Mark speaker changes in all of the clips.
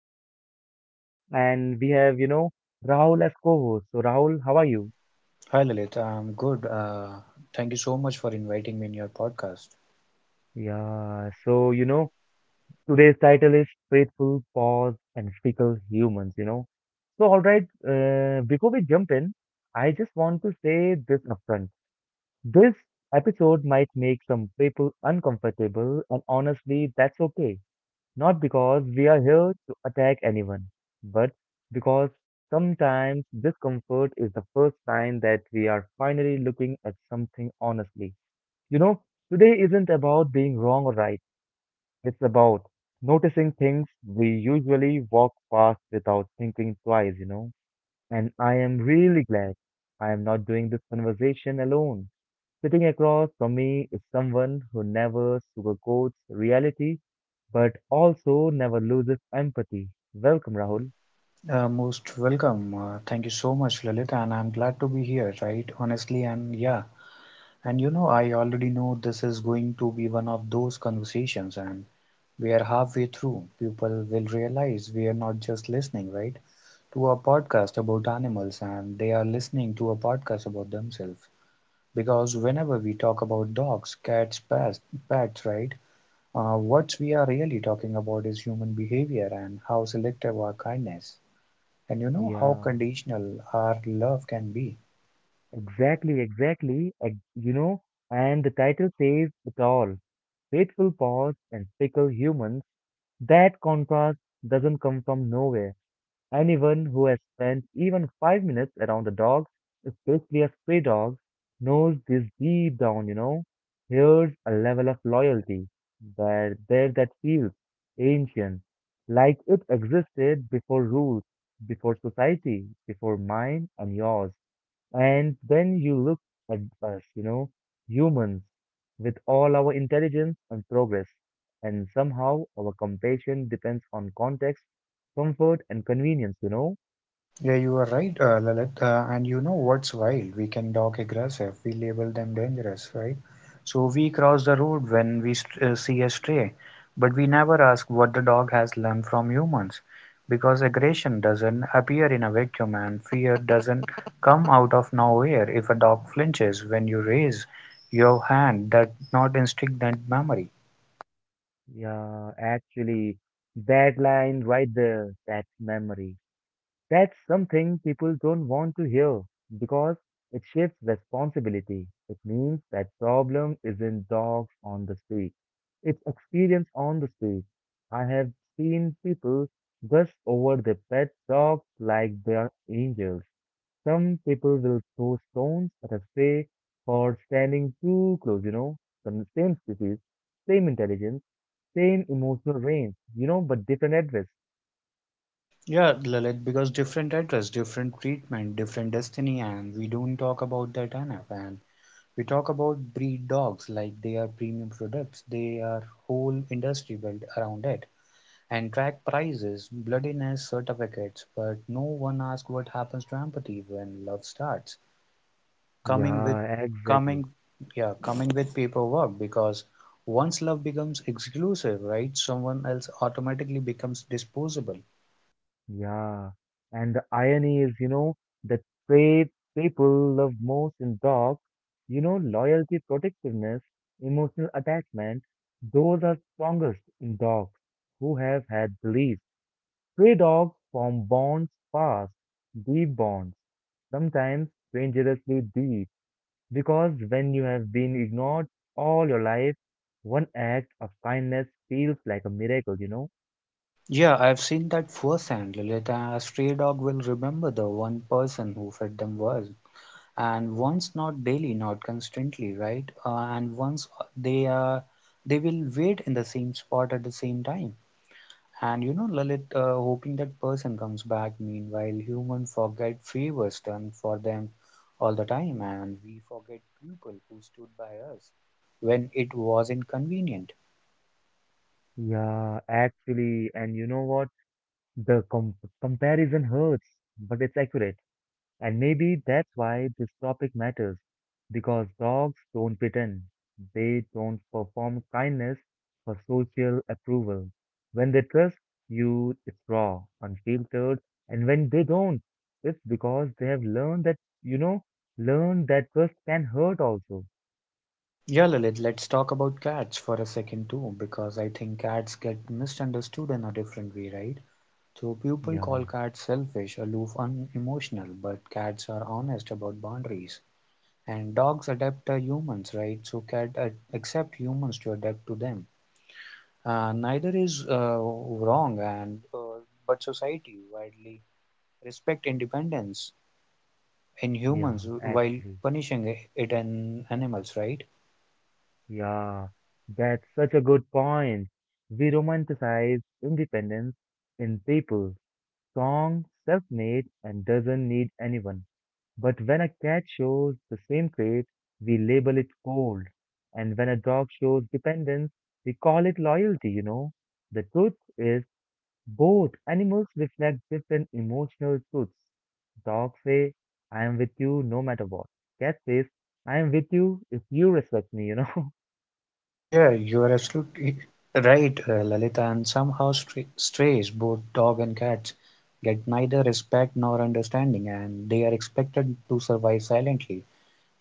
Speaker 1: lovely host, and we have, Rahul as co-host. So, Rahul, how are you?
Speaker 2: Hi Lilith, I'm good. Thank you so much for inviting me in your podcast.
Speaker 1: Yeah, so, you know, Today's title is Faithful, Pause, and Fickle Humans. So, all right, before we jump in, I just want to say this upfront. This episode might make some people uncomfortable, and honestly, that's okay. Not because we are here to attack anyone, but because sometimes discomfort is the first sign that we are finally looking at something honestly. You know, Today isn't about being wrong or right, it's about noticing things we usually walk past without thinking twice. And I am really glad I am not doing this conversation alone. Sitting across from me is someone who never sugarcoats reality but also never loses empathy. Welcome, Rahul.
Speaker 2: Most welcome. Thank you so much, Lilith, and I'm glad to be here, right? Honestly, and yeah, and you know, I already know this is going to be one of those conversations, and we are halfway through. People will realize we are not just listening, right, to a podcast about animals, and they are listening to a podcast about themselves. Because whenever we talk about dogs, cats, pets, right? What we are really talking about is human behavior and how selective our kindness, and you know how
Speaker 1: Yeah,
Speaker 2: conditional our love can be.
Speaker 1: exactly. And the title says it all. Faithful paws and fickle humans. That contrast doesn't come from nowhere. Anyone who has spent even 5 minutes around a dog, especially a stray dog, knows this deep down. Here's a level of loyalty where there that feels ancient, like it existed before rules, before society, before mine and yours. And then you look at us, humans, with all our intelligence and progress, and somehow our compassion depends on context, comfort, and convenience?
Speaker 2: Yeah, you are right, Lalit. And you know what's wild? We can dog aggressive. We label them dangerous, right? So we cross the road when we see a stray, but we never ask what the dog has learned from humans, because aggression doesn't appear in a vacuum, and fear doesn't come out of nowhere. If a dog flinches when you raise your hand, that not instinct, that memory.
Speaker 1: Yeah, actually, that line right there, that memory. That's something people don't want to hear because it shifts responsibility. It means that problem isn't dogs on the street. It's experience on the street. I have seen people gush over their pet dogs like they are angels. Some people will throw stones at a stray for standing too close, from the same species, same intelligence, same emotional range, but different address.
Speaker 2: Yeah, Lalit, because different address, different treatment, different destiny, and we don't talk about that enough. And We talk about breed dogs like they are premium products. They are whole industry built around it and track prices, bloodiness, certificates, but no one asks what happens to empathy when love starts. Coming with
Speaker 1: Yeah,
Speaker 2: coming
Speaker 1: exactly.
Speaker 2: yeah, Coming with paperwork because once love becomes exclusive, right, someone else automatically becomes disposable.
Speaker 1: Yeah, and the irony is, the trait people love most in dogs, loyalty, protectiveness, emotional attachment, those are strongest in dogs who have had beliefs. Stray dogs form bonds fast, deep bonds, sometimes dangerously deep, because when you have been ignored all your life, one act of kindness feels like a miracle?
Speaker 2: Yeah, I've seen that firsthand, Lilith. A stray dog will remember the one person who fed them well, and once not daily not constantly right, and once they are, they will wait in the same spot at the same time, and you know, Lalit, hoping that person comes back. Meanwhile, human forget favors done for them all the time, and we forget people who stood by us when it was inconvenient.
Speaker 1: Yeah, actually, and you know what? The com- comparison hurts, but it's accurate. And maybe that's why this topic matters. Because dogs don't pretend. They don't perform kindness for social approval. When they trust you, it's raw, unfiltered. And when they don't, it's because they have learned that trust can hurt also.
Speaker 2: Yeah, Lalit, let's talk about cats for a second too, because I think cats get misunderstood in a different way, right? So people call
Speaker 1: Yeah,
Speaker 2: cats selfish, aloof, unemotional, but cats are honest about boundaries. And dogs adapt to humans, right? So cats accept humans to adapt to them. Neither is wrong, and but society widely respect independence in
Speaker 1: yeah,
Speaker 2: humans
Speaker 1: actually.
Speaker 2: while punishing it in animals, right?
Speaker 1: Yeah, that's such a good point. We romanticize independence in people, strong, self-made, and doesn't need anyone. But when a cat shows the same trait, we label it cold. And when a dog shows dependence, we call it loyalty. The truth is, both animals reflect different emotional truths. Dogs say, I am with you no matter what. Cat says, I am with you if you respect me,
Speaker 2: Yeah, you are absolutely right, Lalita. And somehow strays, both dog and cats, get neither respect nor understanding, and they are expected to survive silently,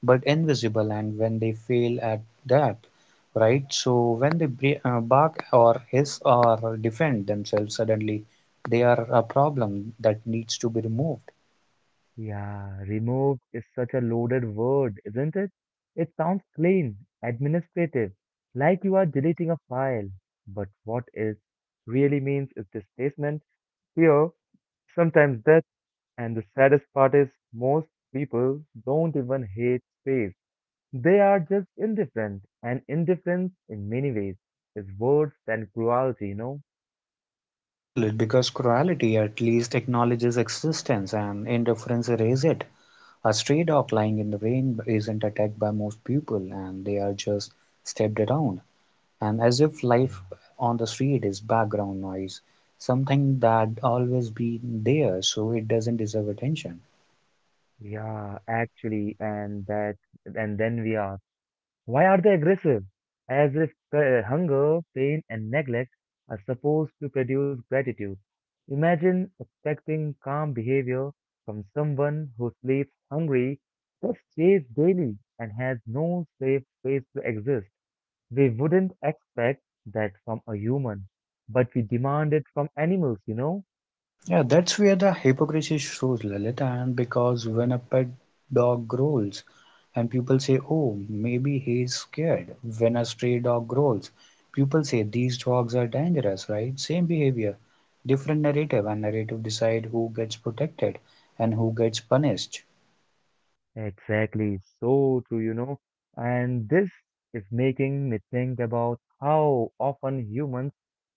Speaker 2: but invisible. And when they fail at that, right? So when they bark or hiss or defend themselves suddenly, they are a problem that needs to be removed.
Speaker 1: Yeah, removed is such a loaded word, isn't it? It sounds plain, administrative, like you are deleting a file. But what it really means is displacement, fear, sometimes death, and the saddest part is most people don't even hate space. They are just indifferent, and indifference in many ways is worse than cruelty?
Speaker 2: Yeah, Lalit, because cruelty at least acknowledges existence, and indifference erases it. A stray dog lying in the rain isn't attacked by most people, and they are just stepped around, And as if
Speaker 1: Yeah,
Speaker 2: life on the street is background noise, something that always been there so it doesn't deserve attention.
Speaker 1: yeah, actually, and that, and then we are. Why are they aggressive? As if hunger, pain, and neglect are supposed to produce gratitude. Imagine expecting calm behavior from someone who sleeps hungry, just stays daily, and has no safe space to exist. We wouldn't expect that from a human, but we demand it from animals?
Speaker 2: Yeah, that's where the hypocrisy shows, Lalit. And because when a pet dog growls, and people say, oh, maybe he's scared. When a stray dog growls, people say, these dogs are dangerous, right? Same behavior, different narrative, and narrative decide who gets protected and who gets punished.
Speaker 1: Exactly, so true. And this is making me think about how often humans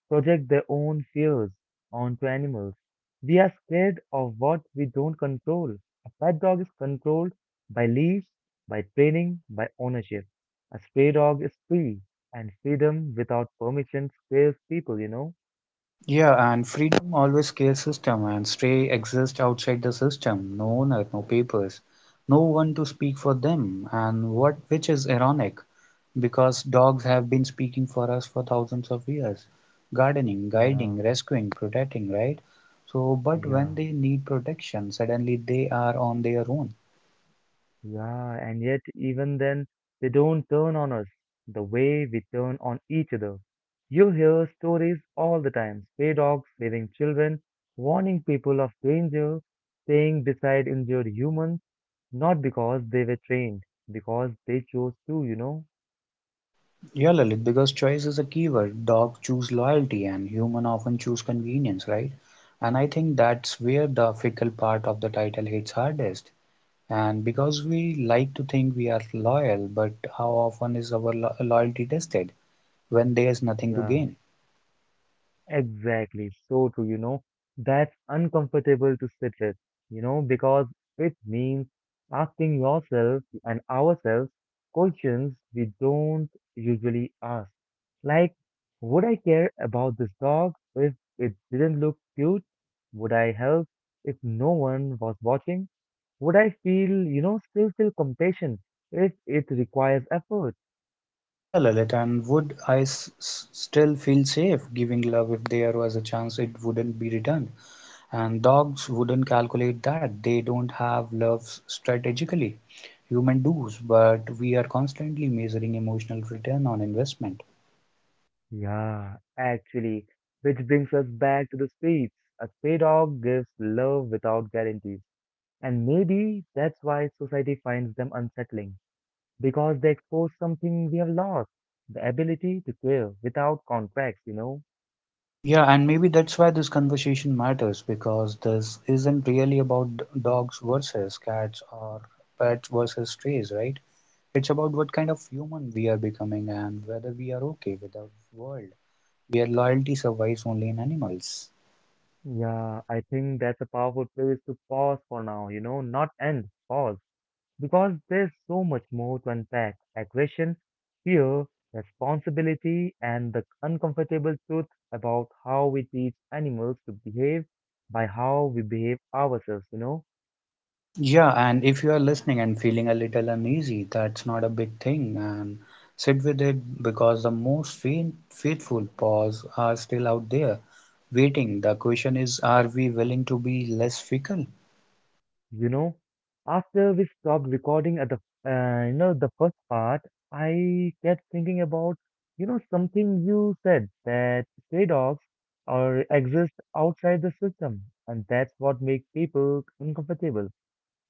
Speaker 1: project their own fears onto animals. We are scared of what we don't control. A pet dog is controlled by leash, by training, by ownership. A stray dog is free, and freedom without permission scares people?
Speaker 2: Yeah, and freedom always scales system, and stray exist outside the system. No owner, no papers, no one to speak for them, and what which is ironic, because dogs have been speaking for us for thousands of years. Gardening,
Speaker 1: Yeah,
Speaker 2: guiding, rescuing, protecting, right? So, but when
Speaker 1: yeah.
Speaker 2: they need protection, suddenly they are on their own.
Speaker 1: Yeah, and yet even then, they don't turn on us the way we turn on each other. You hear stories all the time, stray dogs saving children, warning people of danger, staying beside injured humans, not because they were trained, because they chose to?
Speaker 2: Yeah, Lalit, because choice is a keyword. Dogs choose loyalty and human often choose convenience, right? And I think that's where the fickle part of the title hits hardest. And because we like to think we are loyal, but how often is our loyalty tested when there's nothing to
Speaker 1: Yeah.
Speaker 2: gain?
Speaker 1: Exactly, so true. That's uncomfortable to sit with, because it means asking yourself and ourselves questions we don't usually ask. Like, would I care about this dog if it didn't look cute? Would I help if no one was watching? Would I feel, still feel compassion if it requires effort?
Speaker 2: Yeah, Lalit, and would I s s still feel safe giving love if there was a chance it wouldn't be returned? And dogs wouldn't calculate that. They don't have love strategically. Human does, but we are constantly measuring emotional return on investment.
Speaker 1: Yeah, actually, which brings us back to the streets. A stray dog gives love without guarantees, and maybe that's why society finds them unsettling, because they expose something we have lost, the ability to care without contracts?
Speaker 2: Yeah, and maybe that's why this conversation matters, because this isn't really about dogs versus cats or pets versus strays, right? It's about what kind of human we are becoming and whether we are okay with the world where loyalty survives only in animals.
Speaker 1: Yeah, I think that's a powerful place to pause for now, not end, pause. Because there's so much more to unpack aggression, fear, responsibility, and the uncomfortable truth about how we teach animals to behave by how we behave ourselves.
Speaker 2: Yeah, and if you are listening and feeling a little uneasy, that's not a big thing, and sit with it because the most faithful paws are still out there waiting. The question is, are we willing to be less fickle?
Speaker 1: You know, After we stopped recording at the, the first part, I kept thinking about, something you said that stray dogs or exist outside the system, and that's what makes people uncomfortable.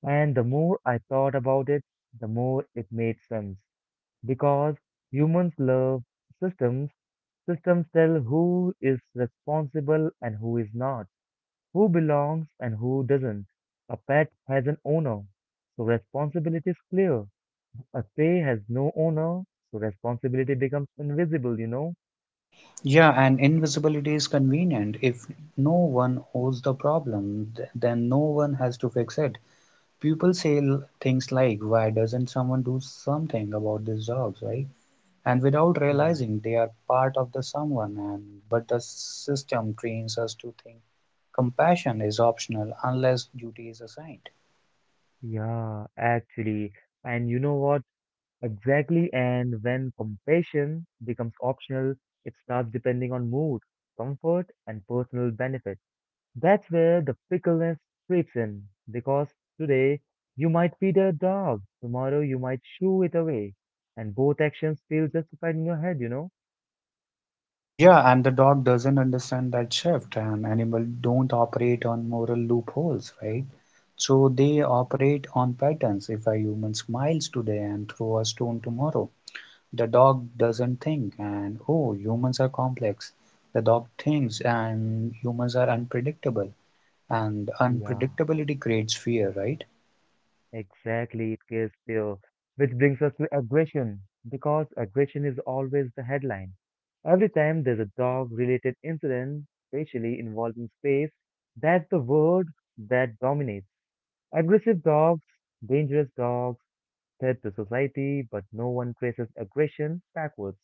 Speaker 1: And the more I thought about it, the more it made sense. Because humans love systems, systems tell who is responsible and who is not, who belongs and who doesn't. A pet has an owner, so responsibility is clear. A stay has no owner, so responsibility becomes invisible?
Speaker 2: Yeah, and invisibility is convenient. If no one owns the problem, then no one has to fix it. People say things like, why doesn't someone do something about these dogs, right? And without
Speaker 1: Yeah,
Speaker 2: realizing they are part of the someone, and but the system trains us to think compassion is optional unless duty is assigned.
Speaker 1: yeah, actually. And you know what? Exactly, and when compassion becomes optional, it starts depending on mood, comfort, and personal benefit. That's where the fickleness creeps in, because today you might feed a dog, tomorrow you might shoo it away, and both actions feel justified in your head?
Speaker 2: Yeah, and the dog doesn't understand that shift, and animals don't operate on moral loopholes, right? So they operate on patterns. If a human smiles today and throw a stone tomorrow, the dog doesn't think and oh humans are complex, the dog thinks and humans are unpredictable. And
Speaker 1: Yeah.
Speaker 2: unpredictability creates fear, right?
Speaker 1: Exactly, it is pure. Which brings us to aggression, because aggression is always the headline. Every time there's a dog-related incident, especially involving space, that's the word that dominates. Aggressive dogs, dangerous dogs, threat to society, but no one traces aggression backwards.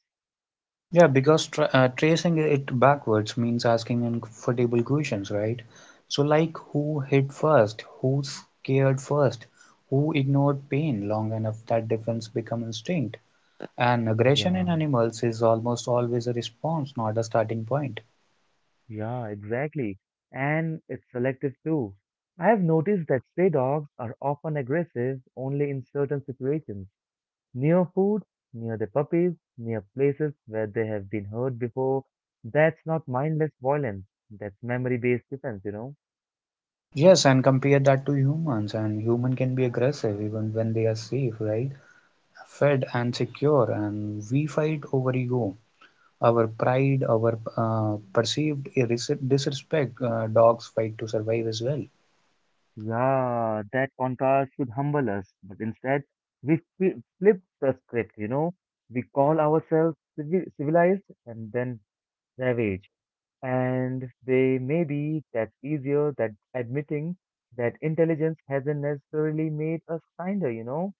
Speaker 2: Yeah, because tracing it backwards means asking uncomfortable questions, right? So, like, who hit first? Who scared first? Who ignored pain long enough that defense become instinct? And aggression
Speaker 1: Yeah,
Speaker 2: in animals is almost always a response, not a starting point.
Speaker 1: yeah, exactly. And it's selective too. I have noticed that stray dogs are often aggressive only in certain situations. Near food, near the puppies, near places where they have been hurt before. That's not mindless violence. That's memory based defense.
Speaker 2: Yes, and compare that to humans, and human can be aggressive even when they are safe, right? Fed and secure, and we fight over ego, our pride, our perceived disrespect. Dogs fight to survive as well.
Speaker 1: Yeah, that contrast should humble us, but instead we flip the script. We call ourselves civilized and then savage. And they may be that easier that admitting that intelligence hasn't necessarily made us kinder.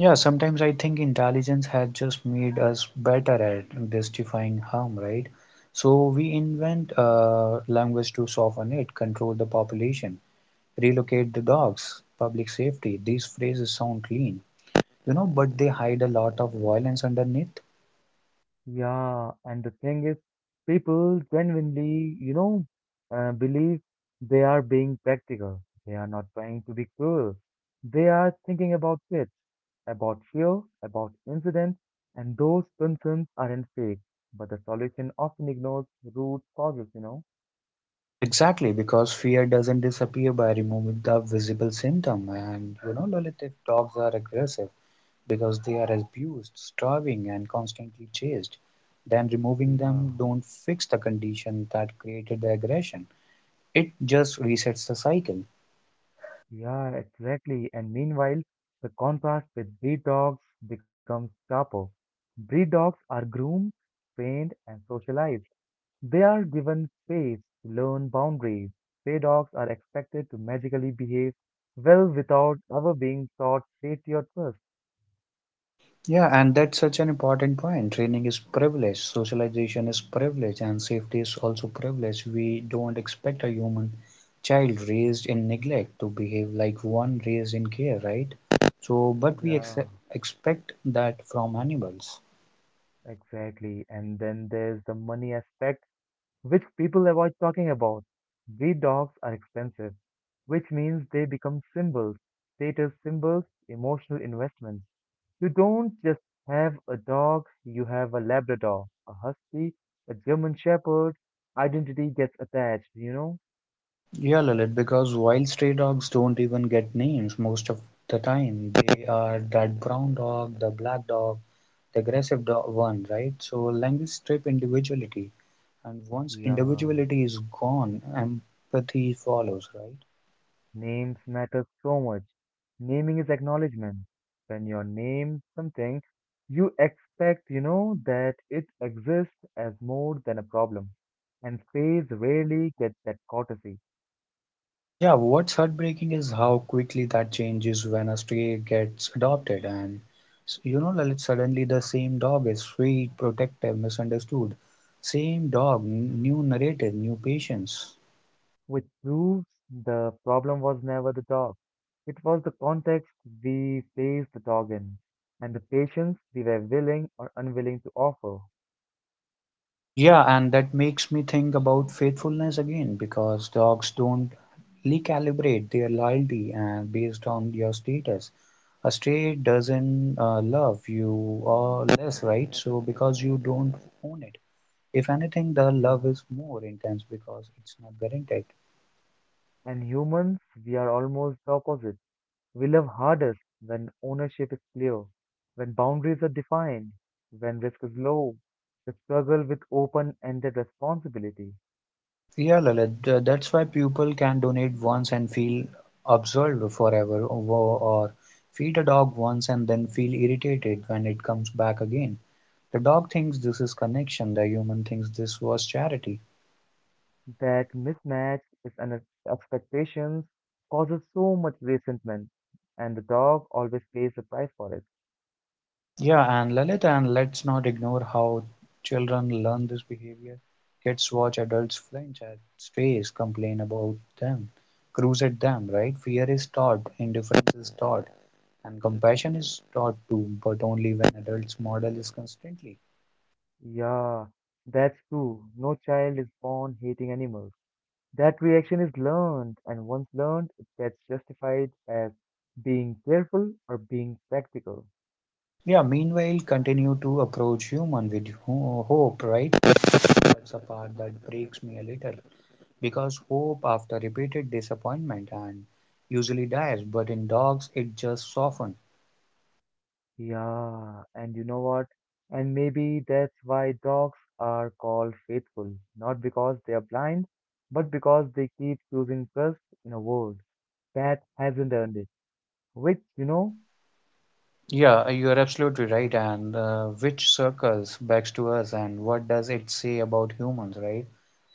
Speaker 2: Yeah, sometimes I think intelligence has just made us better at justifying harm, right? So we invent language to soften it, control the population, relocate the dogs, public safety. These phrases sound clean, you know, but they hide a lot of violence underneath.
Speaker 1: Yeah, and the thing is, people genuinely, believe they are being practical. They are not trying to be cruel. They are thinking about kids, about fear, about incidents, and those concerns aren't fake. But the solution often ignores root causes?
Speaker 2: Exactly, because fear doesn't disappear by removing the visible symptom. And you know, Lalit, if dogs are aggressive, because they are abused, starving, and constantly chased, then removing
Speaker 1: Yeah,
Speaker 2: them don't fix the condition that created the aggression. It just resets the cycle.
Speaker 1: yeah, exactly. And meanwhile, the contrast with breed dogs becomes sharper. Breed dogs are groomed, trained, and socialized. They are given space to learn boundaries. Stray dogs are expected to magically behave well without ever being taught safety or trust.
Speaker 2: Yeah, and that's such an important point. Training is privilege, socialization is privilege, and safety is also privilege. We don't expect a human child raised in neglect to behave like one raised in care, right? So, but we
Speaker 1: Yeah,
Speaker 2: expect that from animals.
Speaker 1: exactly. And then there's the money aspect, which people avoid talking about. Breed dogs are expensive, which means they become symbols, status symbols, emotional investments. You don't just have a dog, you have a Labrador, a Husky, a German Shepherd. Identity gets attached?
Speaker 2: Yeah, Lalit, because while stray dogs don't even get names most of the time, they are that brown dog, the black dog, the aggressive dog one, right? So language strip individuality, and once
Speaker 1: Yeah,
Speaker 2: individuality is gone, empathy follows, right?
Speaker 1: names matter so much. Naming is acknowledgement. When you name something, you expect, that it exists as more than a problem. And space rarely gets that courtesy,
Speaker 2: Yeah, what's heartbreaking is how quickly that changes when a stray gets adopted, and you know, Lalit, suddenly the same dog is sweet, protective, misunderstood. Same dog, new narrative, new patience.
Speaker 1: which proves the problem was never the dog. It was the context we placed the dog in, and the patience we were willing or unwilling to offer.
Speaker 2: Yeah, and that makes me think about faithfulness again because dogs don't recalibrate their loyalty and based on your status. A stray doesn't love you or less, right? So because you don't own it. If anything, the love
Speaker 1: Yeah.
Speaker 2: is more intense because it's not guaranteed.
Speaker 1: And humans, we are almost the opposite. We love hardest when ownership is clear, when boundaries are defined, when risk is low. We struggle with open ended responsibility.
Speaker 2: Yeah, Lalit, that's why people can donate once and feel absolved forever, or feed a dog once and then feel irritated when it comes back again. The dog thinks this is connection, the human thinks this was charity.
Speaker 1: That mismatch is an expectations causes so much resentment, and the dog always pays the price for it.
Speaker 2: Yeah, and Lalit, and let's not ignore how children learn this behavior. Kids watch adults flinch at strays, complain about them, cruise at them, right? Fear is taught, indifference is taught, and compassion is taught too, but only when adults model is constantly.
Speaker 1: Yeah, that's true. No child is born hating animals. That reaction is learned, and once learned, it gets justified as being careful or being practical.
Speaker 2: Yeah, meanwhile, continue to approach human with hope, right? That's a part that breaks me a little. Because hope after repeated disappointment and usually dies, but in dogs it just softens.
Speaker 1: Yeah, and you know what? And maybe that's why dogs are called faithful, not because they are blind, but because they keep choosing trust in a world that hasn't earned it. Which,
Speaker 2: Yeah, you are absolutely right. And which circles back to us, and what does it say about humans, right?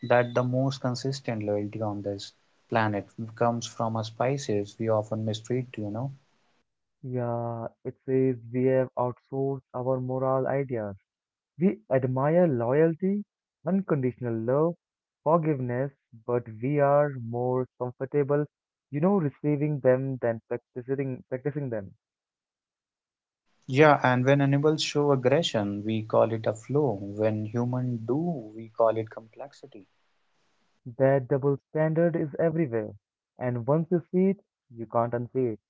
Speaker 2: That the most consistent loyalty on this planet comes from us species we often mistreat, you know.
Speaker 1: yeah, it says we have outsourced our moral ideas. We admire loyalty, unconditional love, forgiveness, but we are more comfortable, receiving them than practicing them.
Speaker 2: Yeah, and when animals show aggression, we call it a flaw. When humans do, we call it complexity.
Speaker 1: That double standard is everywhere, and once you see it, you can't unsee it.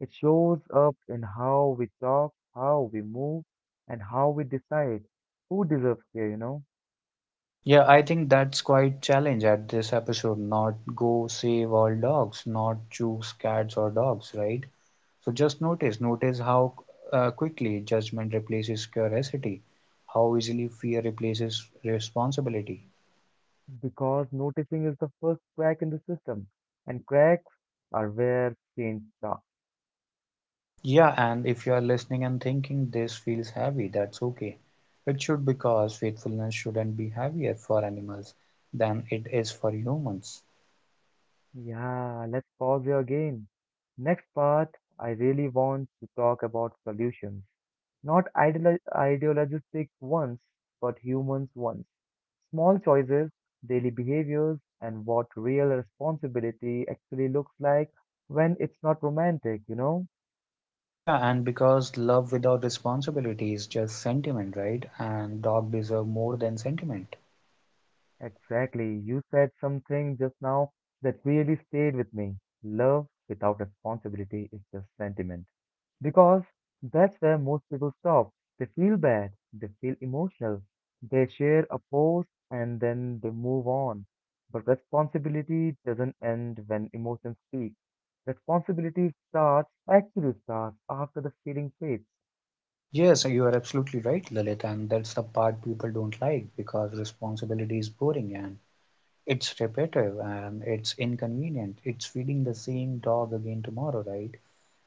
Speaker 1: It shows up in how we talk, how we move, and how we decide who deserves care?
Speaker 2: Yeah, I think that's quite challenge at this episode. Not go save all dogs, not choose cats or dogs, right? So just notice, notice how quickly judgment replaces curiosity, how easily fear replaces responsibility.
Speaker 1: Because noticing is the first crack in the system, and cracks are where change starts.
Speaker 2: Yeah, and if you are listening and thinking this feels heavy, that's okay. It should, because faithfulness shouldn't be heavier for animals than it is for humans.
Speaker 1: Yeah, let's pause here again. Next part, I really want to talk about solutions. Not ideologistic ones, but humans ones. Small choices, daily behaviors, and what real responsibility actually looks like when it's not romantic, you know?
Speaker 2: Yeah, and because love without responsibility is just sentiment, right? And dog deserve more than sentiment.
Speaker 1: Exactly. You said something just now that really stayed with me. Love without responsibility is just sentiment. Because that's where most people stop. They feel bad, they feel emotional, they share a post and then they move on. But responsibility doesn't end when emotions speak. Responsibility starts, actually starts after the feeling fades.
Speaker 2: Yes, you are absolutely right, Lalit, and that's the part people don't like because responsibility is boring and it's repetitive and it's inconvenient. It's feeding the same dog again tomorrow, right?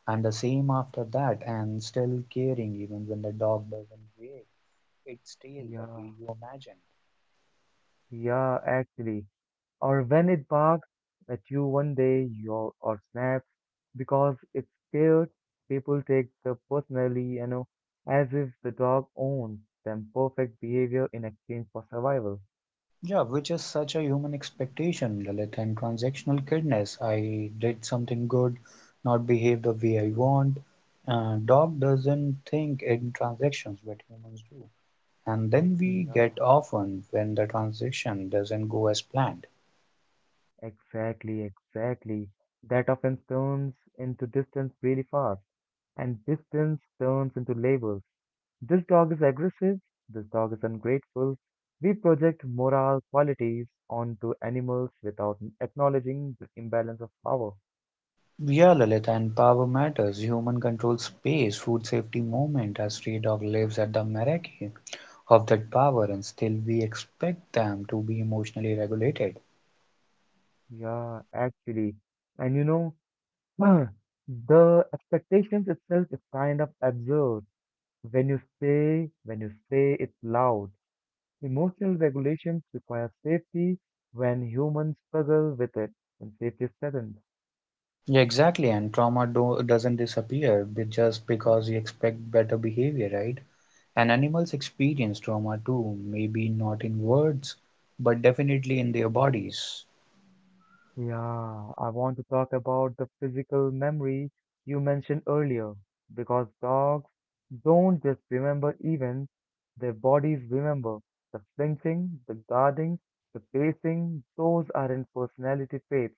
Speaker 2: And the same after that, and still caring even when the dog doesn't behave. It's still the way
Speaker 1: Yeah.
Speaker 2: you imagine.
Speaker 1: Yeah, actually. Or when it barks at you one day your or snaps because it's scared, people take the personally, you know, as if the dog owns them perfect behavior in exchange for survival.
Speaker 2: Yeah, which is such a human expectation, Lilith, and transactional kindness. I did something good, not behave the way I want. Dog doesn't think in transactions, but humans do. And then we
Speaker 1: Yeah,
Speaker 2: get often when the transaction doesn't go as planned.
Speaker 1: exactly, exactly. That often turns into distance really fast, and distance turns into labels. This dog is aggressive, this dog is ungrateful. We project moral qualities onto animals without acknowledging the imbalance of power.
Speaker 2: Yeah, Lilith, and power matters. Human controls space, food safety moment, as stray dog lives at the mercy of that power, and still we expect them to be emotionally regulated.
Speaker 1: Yeah, actually. And you know, the expectations itself is kind of absurd. When you say it loud, emotional regulations require safety when humans struggle with it, when safety is threatened.
Speaker 2: Yeah, exactly, and trauma do doesn't disappear just because you expect better behavior, right? And animals experience trauma too, maybe not in words, but definitely in their bodies.
Speaker 1: Yeah, I want to talk about the physical memory you mentioned earlier because dogs don't just remember events, their bodies remember. The flinching, the guarding, the pacing, those aren't personality traits.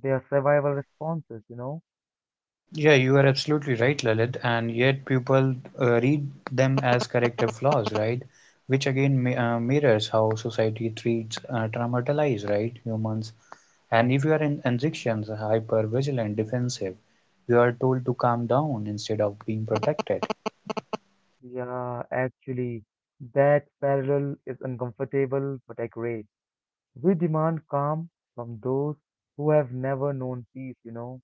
Speaker 1: They are survival responses, you know?
Speaker 2: Yeah, you are absolutely right, Lalit, and yet people read them as corrective flaws, right? Which again mirrors how society treats traumatized, right, humans. And if you are in injections, hyper vigilant, defensive, you are told to calm down instead of being protected.
Speaker 1: Yeah, actually, that parallel is uncomfortable but accurate. We demand calm from those who have never known peace, you know?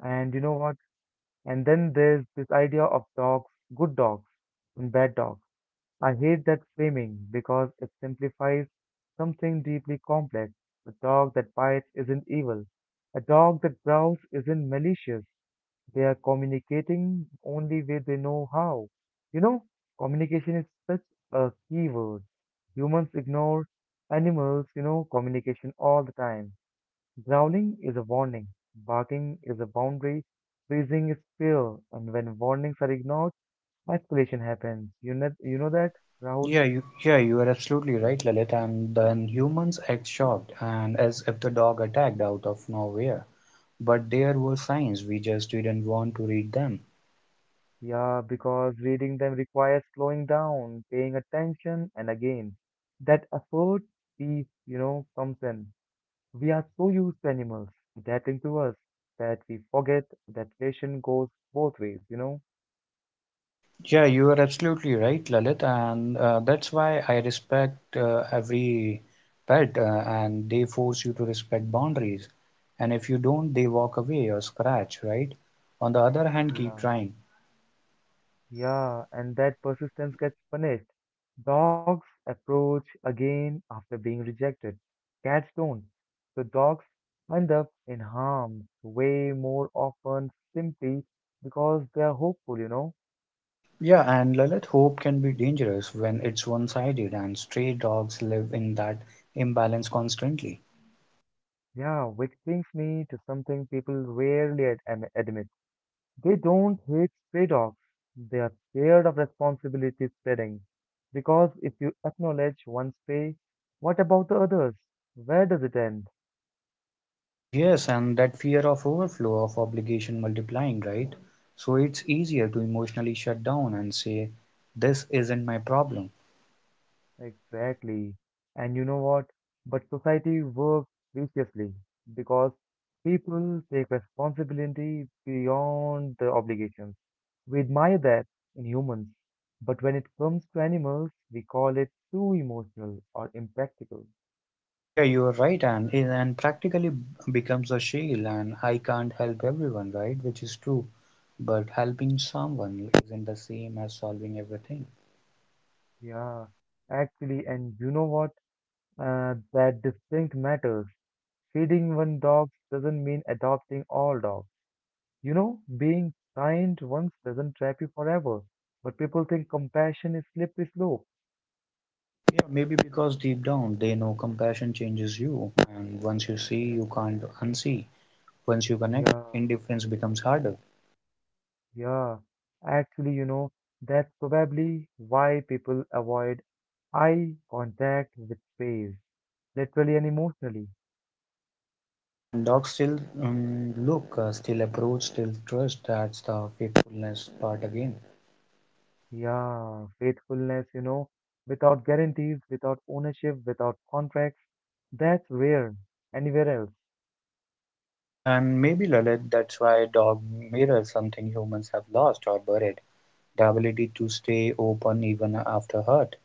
Speaker 1: And you know what? And then there's this idea of dogs, good dogs and bad dogs. I hate that framing because it simplifies something deeply complex. A dog that bites isn't evil. A dog that growls isn't malicious. They are communicating only way they know how. You know, communication is such a key word. Humans ignore animals, you know, communication all the time. Growling is a warning, barking is a boundary, freezing is fear, and when warnings are ignored, escalation happens. You know that, Rahul?
Speaker 2: Yeah, you are absolutely right, Lalit. And then humans act shocked and as if the dog attacked out of nowhere. But there were signs, we just didn't want to read them.
Speaker 1: Yeah, because reading them requires slowing down, paying attention, and again, that effort, peace, you know, comes in. We are so used to animals adapting to us that we forget that relation goes both ways, you know?
Speaker 2: Yeah, you are absolutely right, Lalit. And that's why I respect every pet, and they force you to respect boundaries. And if you don't, they walk away or scratch, right? On the other hand, keep
Speaker 1: Yeah.
Speaker 2: trying.
Speaker 1: Yeah, and that persistence gets punished. Dogs approach again after being rejected. Cats don't. So dogs end up in harm's way more often simply because they are hopeful, you know?
Speaker 2: Yeah, and Lalit, hope can be dangerous when it's one-sided, and stray dogs live in that imbalance constantly.
Speaker 1: Yeah, which brings me to something people rarely admit. They don't hate stray dogs. They are scared of responsibility spreading. Because if you acknowledge one stray, what about the others? Where does it end?
Speaker 2: Yes, and that fear of overflow of obligation multiplying, right? So it's easier to emotionally shut down and say, "This isn't my problem."
Speaker 1: Exactly. And you know what? But society works viciously because people take responsibility beyond the obligations. We admire that in humans, but when it comes to animals, we call it too emotional or impractical.
Speaker 2: Yeah, you are right, and practically becomes a shield, and I can't help everyone, right? Which is true, but helping someone isn't the same as solving everything.
Speaker 1: Yeah, actually, and you know what? That distinct matters. Feeding one dog doesn't mean adopting all dogs. You know, being kind once doesn't trap you forever, but people think compassion is slippery slope.
Speaker 2: Yeah, maybe because deep down they know compassion changes you, and once you see, you can't unsee. Once you connect,
Speaker 1: Yeah,
Speaker 2: indifference becomes harder.
Speaker 1: yeah. Actually, you know, that's probably why people avoid eye contact with space, literally and emotionally.
Speaker 2: Yeah, and dogs still still approach, still trust. That's the faithfulness part again.
Speaker 1: Yeah, faithfulness, you know, without guarantees, without ownership, without contracts, that's rare anywhere else.
Speaker 2: Yeah, and maybe Lalit, that's why dog mirrors something humans have lost or buried the ability to stay open even after hurt.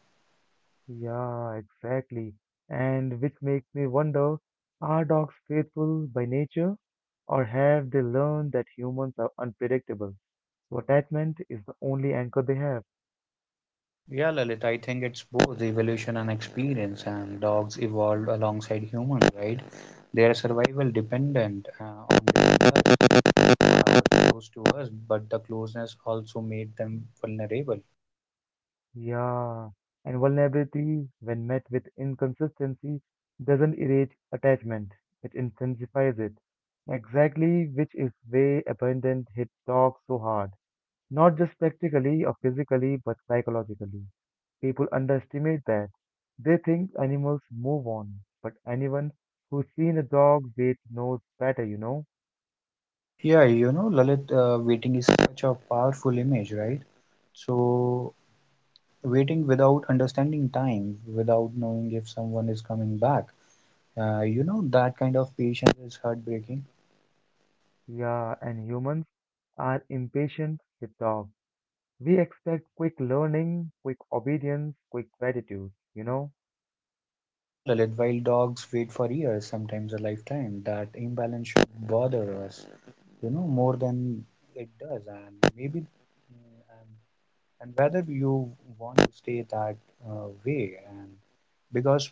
Speaker 1: Yeah, exactly. And which makes me wonder, are dogs faithful by nature, or have they learned that humans are unpredictable? So attachment is the only anchor they have.
Speaker 2: Yeah, Lalit, I think it's both evolution and experience, and dogs evolved alongside humans, right? Their survival dependent on living us, are close to us, but the closeness also made them vulnerable.
Speaker 1: Yeah. And vulnerability, when met with inconsistency, doesn't erase attachment, it intensifies it. Exactly, which is way abandoned hit dogs so hard. Not just practically or physically, but psychologically. People underestimate that. They think animals move on, but anyone who's seen a dog wait knows better, you know?
Speaker 2: Yeah, you know, Lalit, waiting is such a powerful image, right? So, waiting without understanding time, without knowing if someone is coming back, that kind of patience is heartbreaking.
Speaker 1: Yeah, and humans are impatient with dogs. We expect quick learning, quick obedience, quick gratitude, you know?
Speaker 2: Yeah, Lalit, while dogs wait for years, sometimes a lifetime, that imbalance should bother us, you know, more than it does. And maybe, mm, and whether you want to stay that way, and because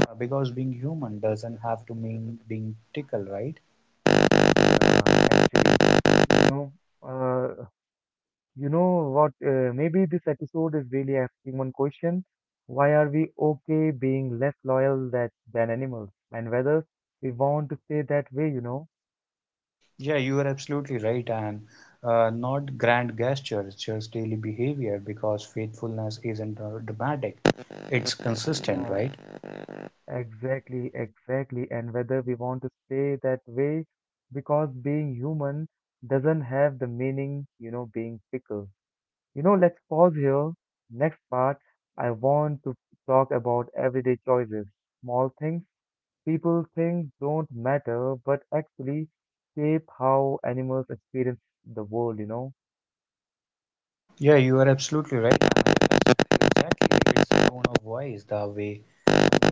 Speaker 2: because being human doesn't have to mean being tickled, right?
Speaker 1: Yeah, actually, you know, uh, you know what? Maybe this episode is really asking one question. Why are we okay being less loyal that, than animals? And whether we want to stay that way, you know?
Speaker 2: Yeah, you are absolutely right, and not grand gestures, just daily behavior, because faithfulness isn't dramatic; it's consistent,
Speaker 1: Yeah,
Speaker 2: right?
Speaker 1: exactly, exactly. And whether we want to stay that way, because being human doesn't have the meaning, you know, being fickle. You know, let's pause here. Next part, I want to talk about everyday choices, small things people think don't matter, but actually shape how animals experience the world, you know.
Speaker 2: Yeah, you are absolutely right. And I guess exactly like it's the tone of voice, the way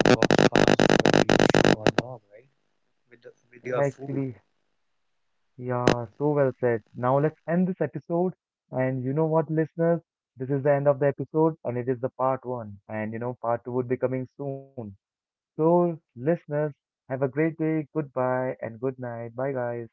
Speaker 2: dogs pass, whether you show a dog, right, with with your food.
Speaker 1: Actually, yeah, so well said. Now let's end this episode. And you know what, listeners? This is the end of the episode, and it is the part one. And you know, part two would be coming soon. So, listeners, have a great day. Goodbye and good night. Bye, guys.